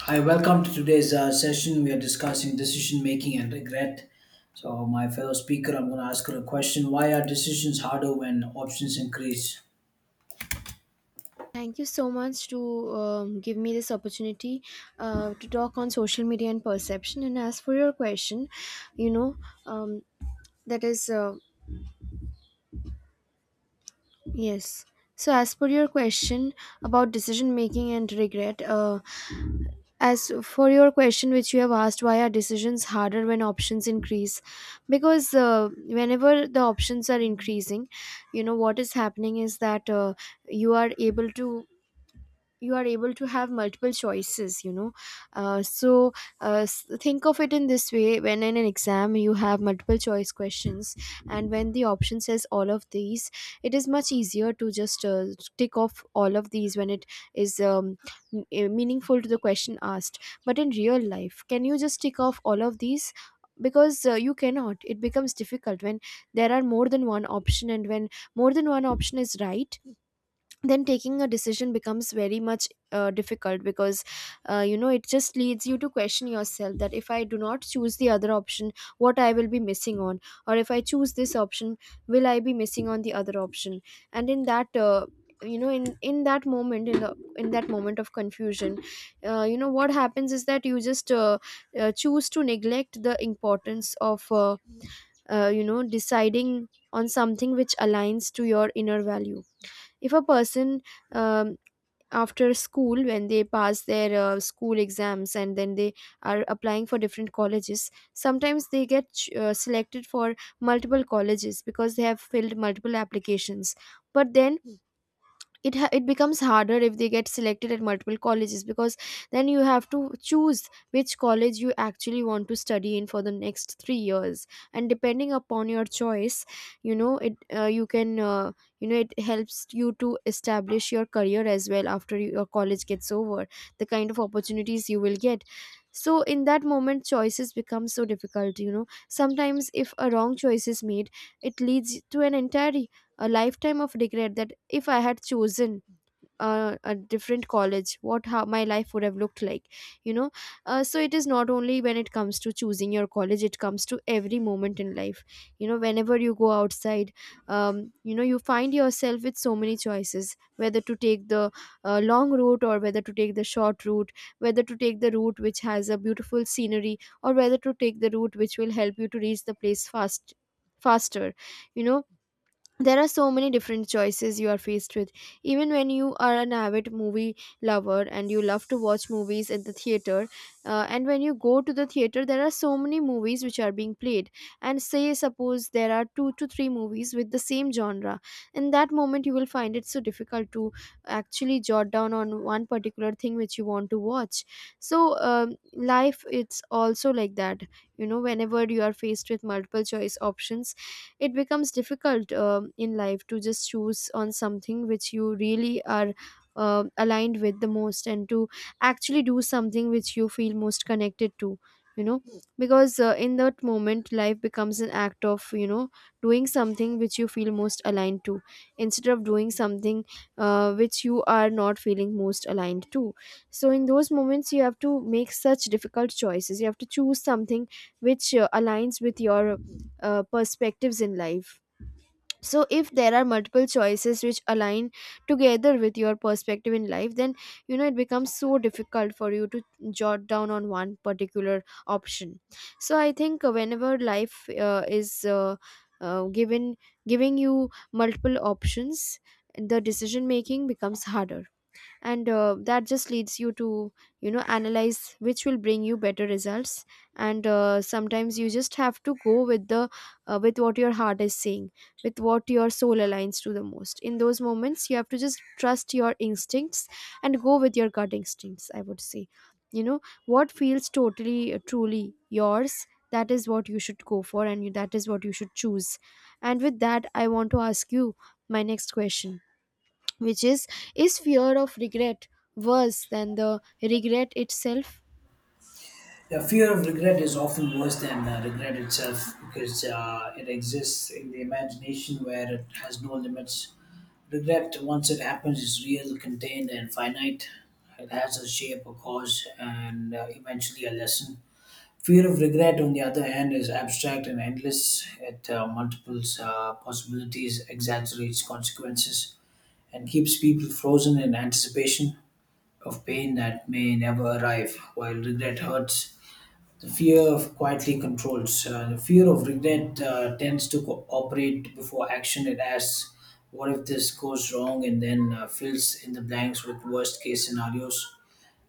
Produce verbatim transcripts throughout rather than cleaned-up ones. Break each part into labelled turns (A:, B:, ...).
A: Hi, welcome to today's uh, session. We are discussing decision making and regret. So, my fellow speaker, I'm going to ask her a question. Why are decisions harder when options increase?
B: Thank you so much to um, give me this opportunity uh, to talk on social media and perception. And as for your question, you know, um, that is, uh, yes. So, as per your question about decision making and regret, uh, as for your question which you have asked, why are decisions harder when options increase? Because uh, whenever the options are increasing, you know what is happening is that uh, you are able to you are able to have multiple choices, you know. uh, so uh, s- think of it in this way: when in an exam you have multiple choice questions and when the option says all of these, it is much easier to just uh, tick off all of these when it is um, m- eh, meaningful to the question asked. But in real life, can you just tick off all of these? Because uh, you cannot. It becomes difficult when there are more than one option, and when more than one option is right, then taking a decision becomes very much uh, difficult. Because uh, you know, it just leads you to question yourself that if I do not choose the other option, what I will be missing on, or if I choose this option, will I be missing on the other option. And in that uh, you know, in in that moment, in the in that moment of confusion, uh, you know what happens is that you just uh, uh, choose to neglect the importance of uh, uh, you know, deciding on something which aligns to your inner value. If a person, um, after school, when they pass their uh, school exams, and then they are applying for different colleges, sometimes they get ch- uh, selected for multiple colleges because they have filled multiple applications. But then it ha- it becomes harder if they get selected at multiple colleges, because then you have to choose which college you actually want to study in for the next three years. And depending upon your choice, you know, it uh, you can, uh, you know, it helps you to establish your career as well after you- your college gets over, the kind of opportunities you will get. So in that moment, choices become so difficult, you know. Sometimes if a wrong choice is made, it leads to an entire a lifetime of regret, that if I had chosen uh, a different college, what, how my life would have looked like, you know. Uh, so it is not only when it comes to choosing your college, it comes to every moment in life. You know, whenever you go outside, um, you know, you find yourself with so many choices, whether to take the uh, long route or whether to take the short route, whether to take the route which has a beautiful scenery or whether to take the route which will help you to reach the place fast faster, you know. There are so many different choices you are faced with. Even when you are an avid movie lover and you love to watch movies at the theater, uh, and when you go to the theater, there are so many movies which are being played, and say suppose there are two to three movies with the same genre, in that moment you will find it so difficult to actually jot down on one particular thing which you want to watch. So um, life, it's also like that. You know, whenever you are faced with multiple choice options, it becomes difficult um in life to just choose on something which you really are uh, aligned with the most, and to actually do something which you feel most connected to, you know. Because uh, in that moment, life becomes an act of, you know, doing something which you feel most aligned to, instead of doing something uh, which you are not feeling most aligned to. So in those moments you have to make such difficult choices, you have to choose something which uh, aligns with your uh, perspectives in life. So, if there are multiple choices which align together with your perspective in life, then, you know, it becomes so difficult for you to jot down on one particular option. So, I think uh, whenever life uh, is uh, uh, given giving you multiple options, the decision making becomes harder, and uh, that just leads you to, you know, analyze which will bring you better results. And uh, sometimes you just have to go with the, uh, with what your heart is saying, with what your soul aligns to the most. In those moments you have to just trust your instincts and go with your gut instincts, I would say. You know, what feels totally uh, truly yours, that is what you should go for, and you, that is what you should choose. And with that, I want to ask you my next question, which is is fear of regret worse than the regret itself?
A: The fear of regret is often worse than uh, regret itself because uh, it exists in the imagination where it has no limits. Regret, once it happens, is real, contained, and finite. It has a shape, a cause, and uh, eventually a lesson. Fear of regret, on the other hand, is abstract and endless. It uh, multiples uh, possibilities, exaggerates consequences, and keeps people frozen in anticipation of pain that may never arrive. While regret hurts, the fear quietly controls. Uh, the fear of regret uh, tends to co- operate before action. It asks, "What if this goes wrong?" and then uh, fills in the blanks with worst-case scenarios.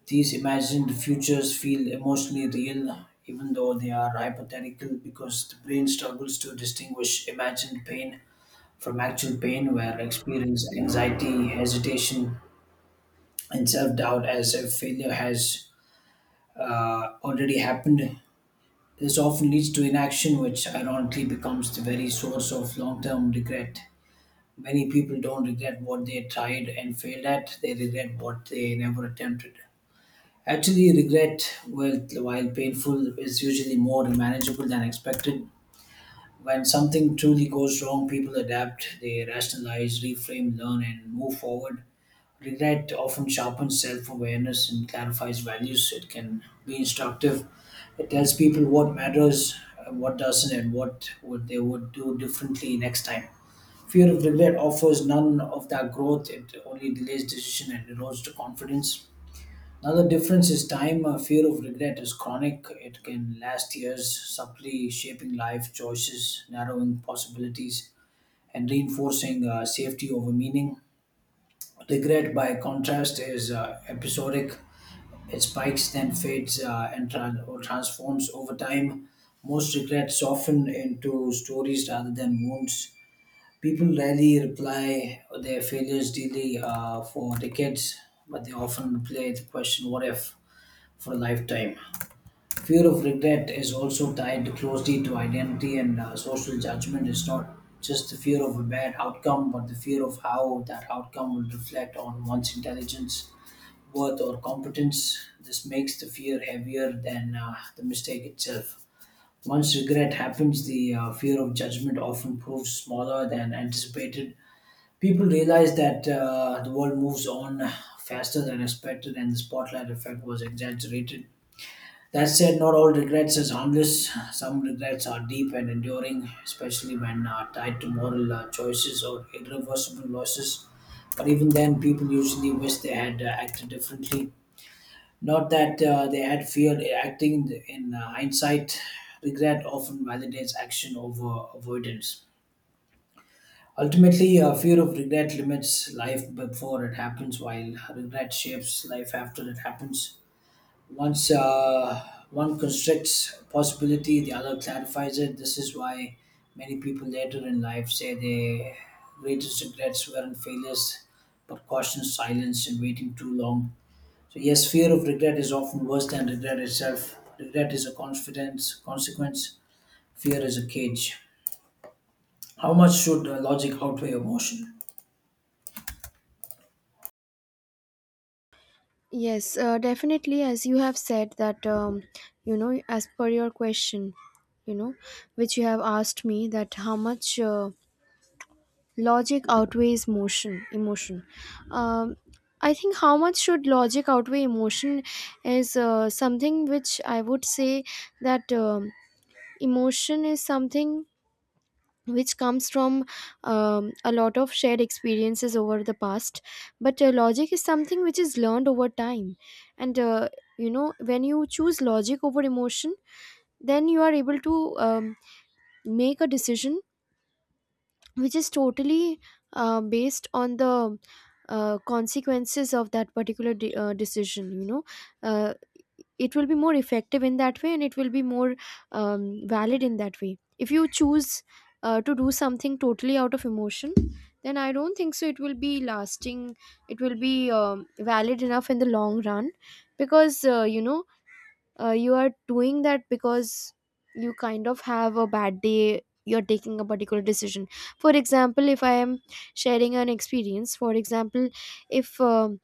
A: These imagined futures feel emotionally real, even though they are hypothetical, because the brain struggles to distinguish imagined pain from actual pain, where experience anxiety, hesitation, and self doubt as if failure has uh, already happened. This often leads to inaction, which ironically becomes the very source of long term regret. Many people don't regret what they tried and failed at, they regret what they never attempted. Actually, regret, well, while painful, is usually more manageable than expected. When something truly goes wrong, people adapt, they rationalize, reframe, learn, and move forward. Regret often sharpens self awareness and clarifies values. It can be instructive. It tells people what matters, uh, what doesn't, and what would they would do differently next time. Fear of regret offers none of that growth. It only delays decision and erodes the confidence. Another difference is time. A fear of regret is chronic. It can last years, subtly shaping life choices, narrowing possibilities, and reinforcing uh, safety over meaning. Regret, by contrast, is uh, episodic. It spikes, then fades, uh, and tran or transforms over time. Most regrets soften into stories rather than wounds. People rarely reply their failures daily uh, for decades, but they often play the question, "What if?" for a lifetime. Fear of regret is also tied closely to identity and uh, social judgment. It's not just the fear of a bad outcome, but the fear of how that outcome will reflect on one's intelligence, worth, or competence. This makes the fear heavier than uh, the mistake itself. Once regret happens, the uh, fear of judgment often proves smaller than anticipated. People realize that uh, the world moves on faster than expected and the spotlight effect was exaggerated. That said, not all regrets is harmless. Some regrets are deep and enduring, especially when uh, tied to moral uh, choices or irreversible losses. But even then, people usually wish they had uh, acted differently. Not that uh, they had feared acting in uh, hindsight. Regret often validates action over avoidance. Ultimately, uh, fear of regret limits life before it happens, while regret shapes life after it happens. Once uh, one constricts a possibility, the other clarifies it. This is why many people later in life say their greatest regrets weren't failures, but caution silence and waiting too long. So yes, fear of regret is often worse than regret itself. Regret is a confidence consequence. Fear is a cage. How much should uh, logic outweigh emotion?
B: Yes, uh, definitely, as you have said that, um, you know, as per your question, you know, which you have asked me, that how much uh, logic outweighs motion emotion. um, I think how much should logic outweigh emotion is uh, something which I would say that, um, emotion is something which comes from um, a lot of shared experiences over the past, but uh, logic is something which is learned over time. And uh, you know, when you choose logic over emotion, then you are able to um, make a decision which is totally uh, based on the uh, consequences of that particular de- uh, decision, you know. uh, it will be more effective in that way, and it will be more um, valid in that way. If you choose uh, to do something totally out of emotion, then I don't think so it will be lasting, it will be um, valid enough in the long run. Because uh, you know, uh, you are doing that because you kind of have a bad day, you're taking a particular decision. For example, if I am sharing an experience, for example, if um,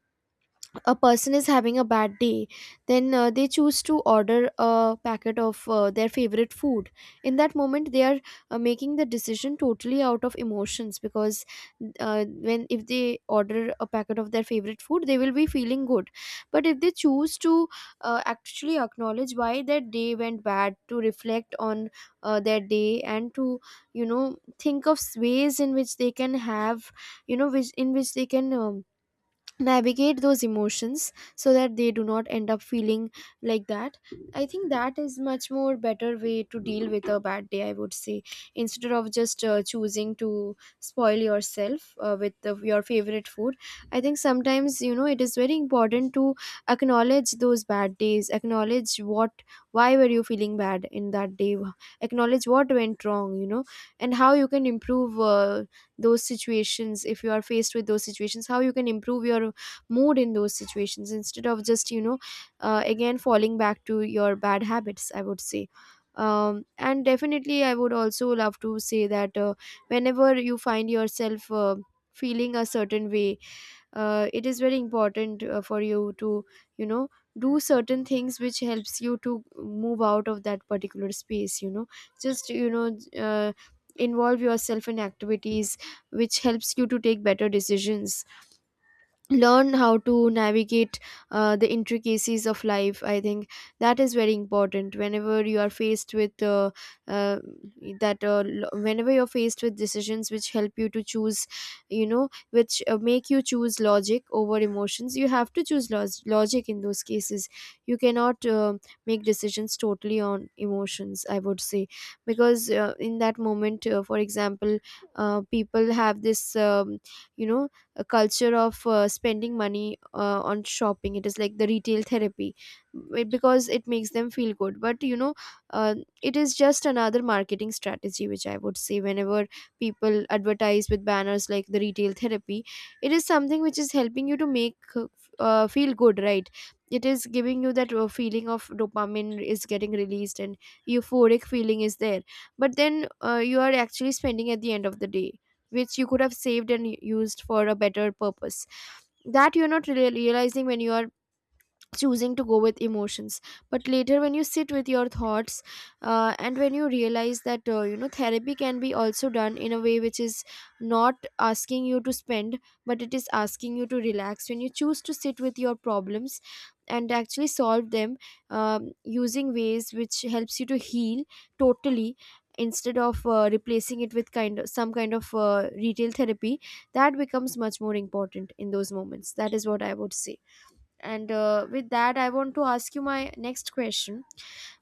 B: a person is having a bad day, then uh, they choose to order a packet of uh, their favorite food. In that moment they are uh, making the decision totally out of emotions, because uh, when, if they order a packet of their favorite food, they will be feeling good. But if they choose to uh, actually acknowledge why their day went bad, to reflect on uh, their day, and to, you know, think of ways in which they can have, you know, which in which they can um, navigate those emotions so that they do not end up feeling like that. I think that is much more better way to deal with a bad day, I would say, instead of just uh, choosing to spoil yourself uh, with the, your favorite food. I think sometimes, you know, it is very important to acknowledge those bad days, acknowledge what, why were you feeling bad in that day, acknowledge what went wrong, you know, and how you can improve uh, those situations. If you are faced with those situations, how you can improve your mood in those situations, instead of just, you know, uh, again falling back to your bad habits, I would say. Um, and definitely I would also love to say that uh, whenever you find yourself uh, feeling a certain way, uh, it is very important uh, for you to, you know, do certain things which helps you to move out of that particular space, you know. Just, you know, uh, involve yourself in activities which helps you to take better decisions, learn how to navigate uh, the intricacies of life. I think that is very important. Whenever you are faced with uh, uh, that uh, lo- whenever you're faced with decisions which help you to choose, you know, which uh, make you choose logic over emotions, you have to choose log- logic in those cases. You cannot uh, make decisions totally on emotions, I would say. Because uh, in that moment, uh, for example, uh, people have this um, you know, a culture of uh, spending money uh, on shopping. It is like the retail therapy, it- because it makes them feel good. But you know, uh, it is just another marketing strategy, which I would say, whenever people advertise with banners like the retail therapy, it is something which is helping you to make uh, uh, feel good, right? It is giving you that uh, feeling, of dopamine is getting released, and euphoric feeling is there. But then uh, you are actually spending at the end of the day, which you could have saved and used for a better purpose. That you're not really realizing when you are choosing to go with emotions. But later when you sit with your thoughts, uh, and when you realize that, uh, you know, therapy can be also done in a way which is not asking you to spend, but it is asking you to relax. When you choose to sit with your problems and actually solve them, um, using ways which helps you to heal totally, instead of uh, replacing it with kind of some kind of uh, retail therapy, that becomes much more important in those moments. That is what I would say. And uh, with that, I want to ask you my next question,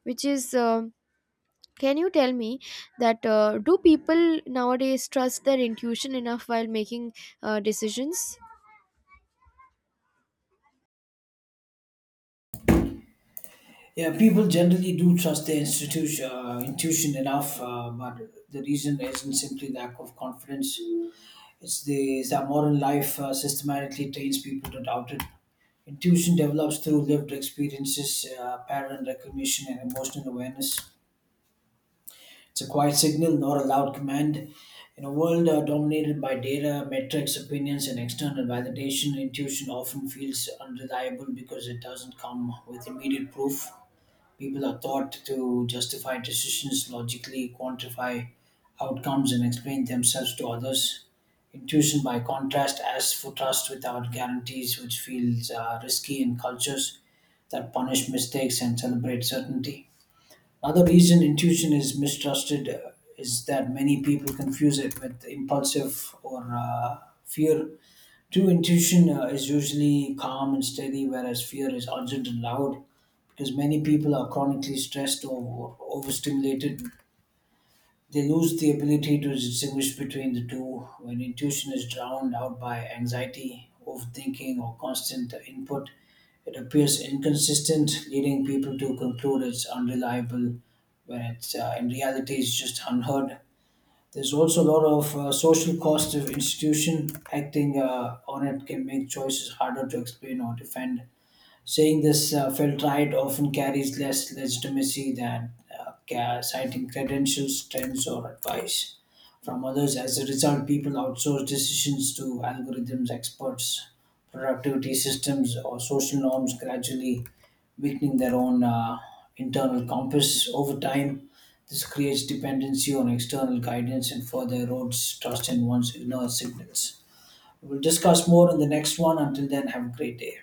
B: which is um can you tell me that, uh, do people nowadays trust their intuition enough while making uh, decisions?
A: Yeah, people generally do trust their institution, uh, intuition enough, uh, but the reason isn't simply lack of confidence. It's the it's that modern life uh, systematically trains people to doubt it. Intuition develops through lived experiences, uh, pattern recognition, and emotional awareness. It's a quiet signal, not a loud command. In a world uh, dominated by data, metrics, opinions, and external validation, intuition often feels unreliable because it doesn't come with immediate proof. People are taught to justify decisions, logically quantify outcomes, and explain themselves to others. Intuition, by contrast, asks for trust without guarantees, which feels uh, risky in cultures that punish mistakes and celebrate certainty. Another reason intuition is mistrusted uh, is that many people confuse it with impulsive or uh, fear. True intuition uh, is usually calm and steady, whereas fear is urgent and loud because many people are chronically stressed or overstimulated. They lose the ability to distinguish between the two when intuition is drowned out by anxiety, overthinking, or constant input. It appears inconsistent, leading people to conclude it's unreliable when it's uh, in reality it's just unheard. There's also a lot of uh, social cost of institution. Acting uh, on it can make choices harder to explain or defend. Saying this uh, felt right often carries less legitimacy than uh, ca- citing credentials, trends, or advice from others. As a result, people outsource decisions to algorithms, experts, productivity systems, or social norms, gradually weakening their own uh, internal compass over time. This creates dependency on external guidance and further erodes trust in one's inner signals. We'll discuss more in the next one. Until then, have a great day.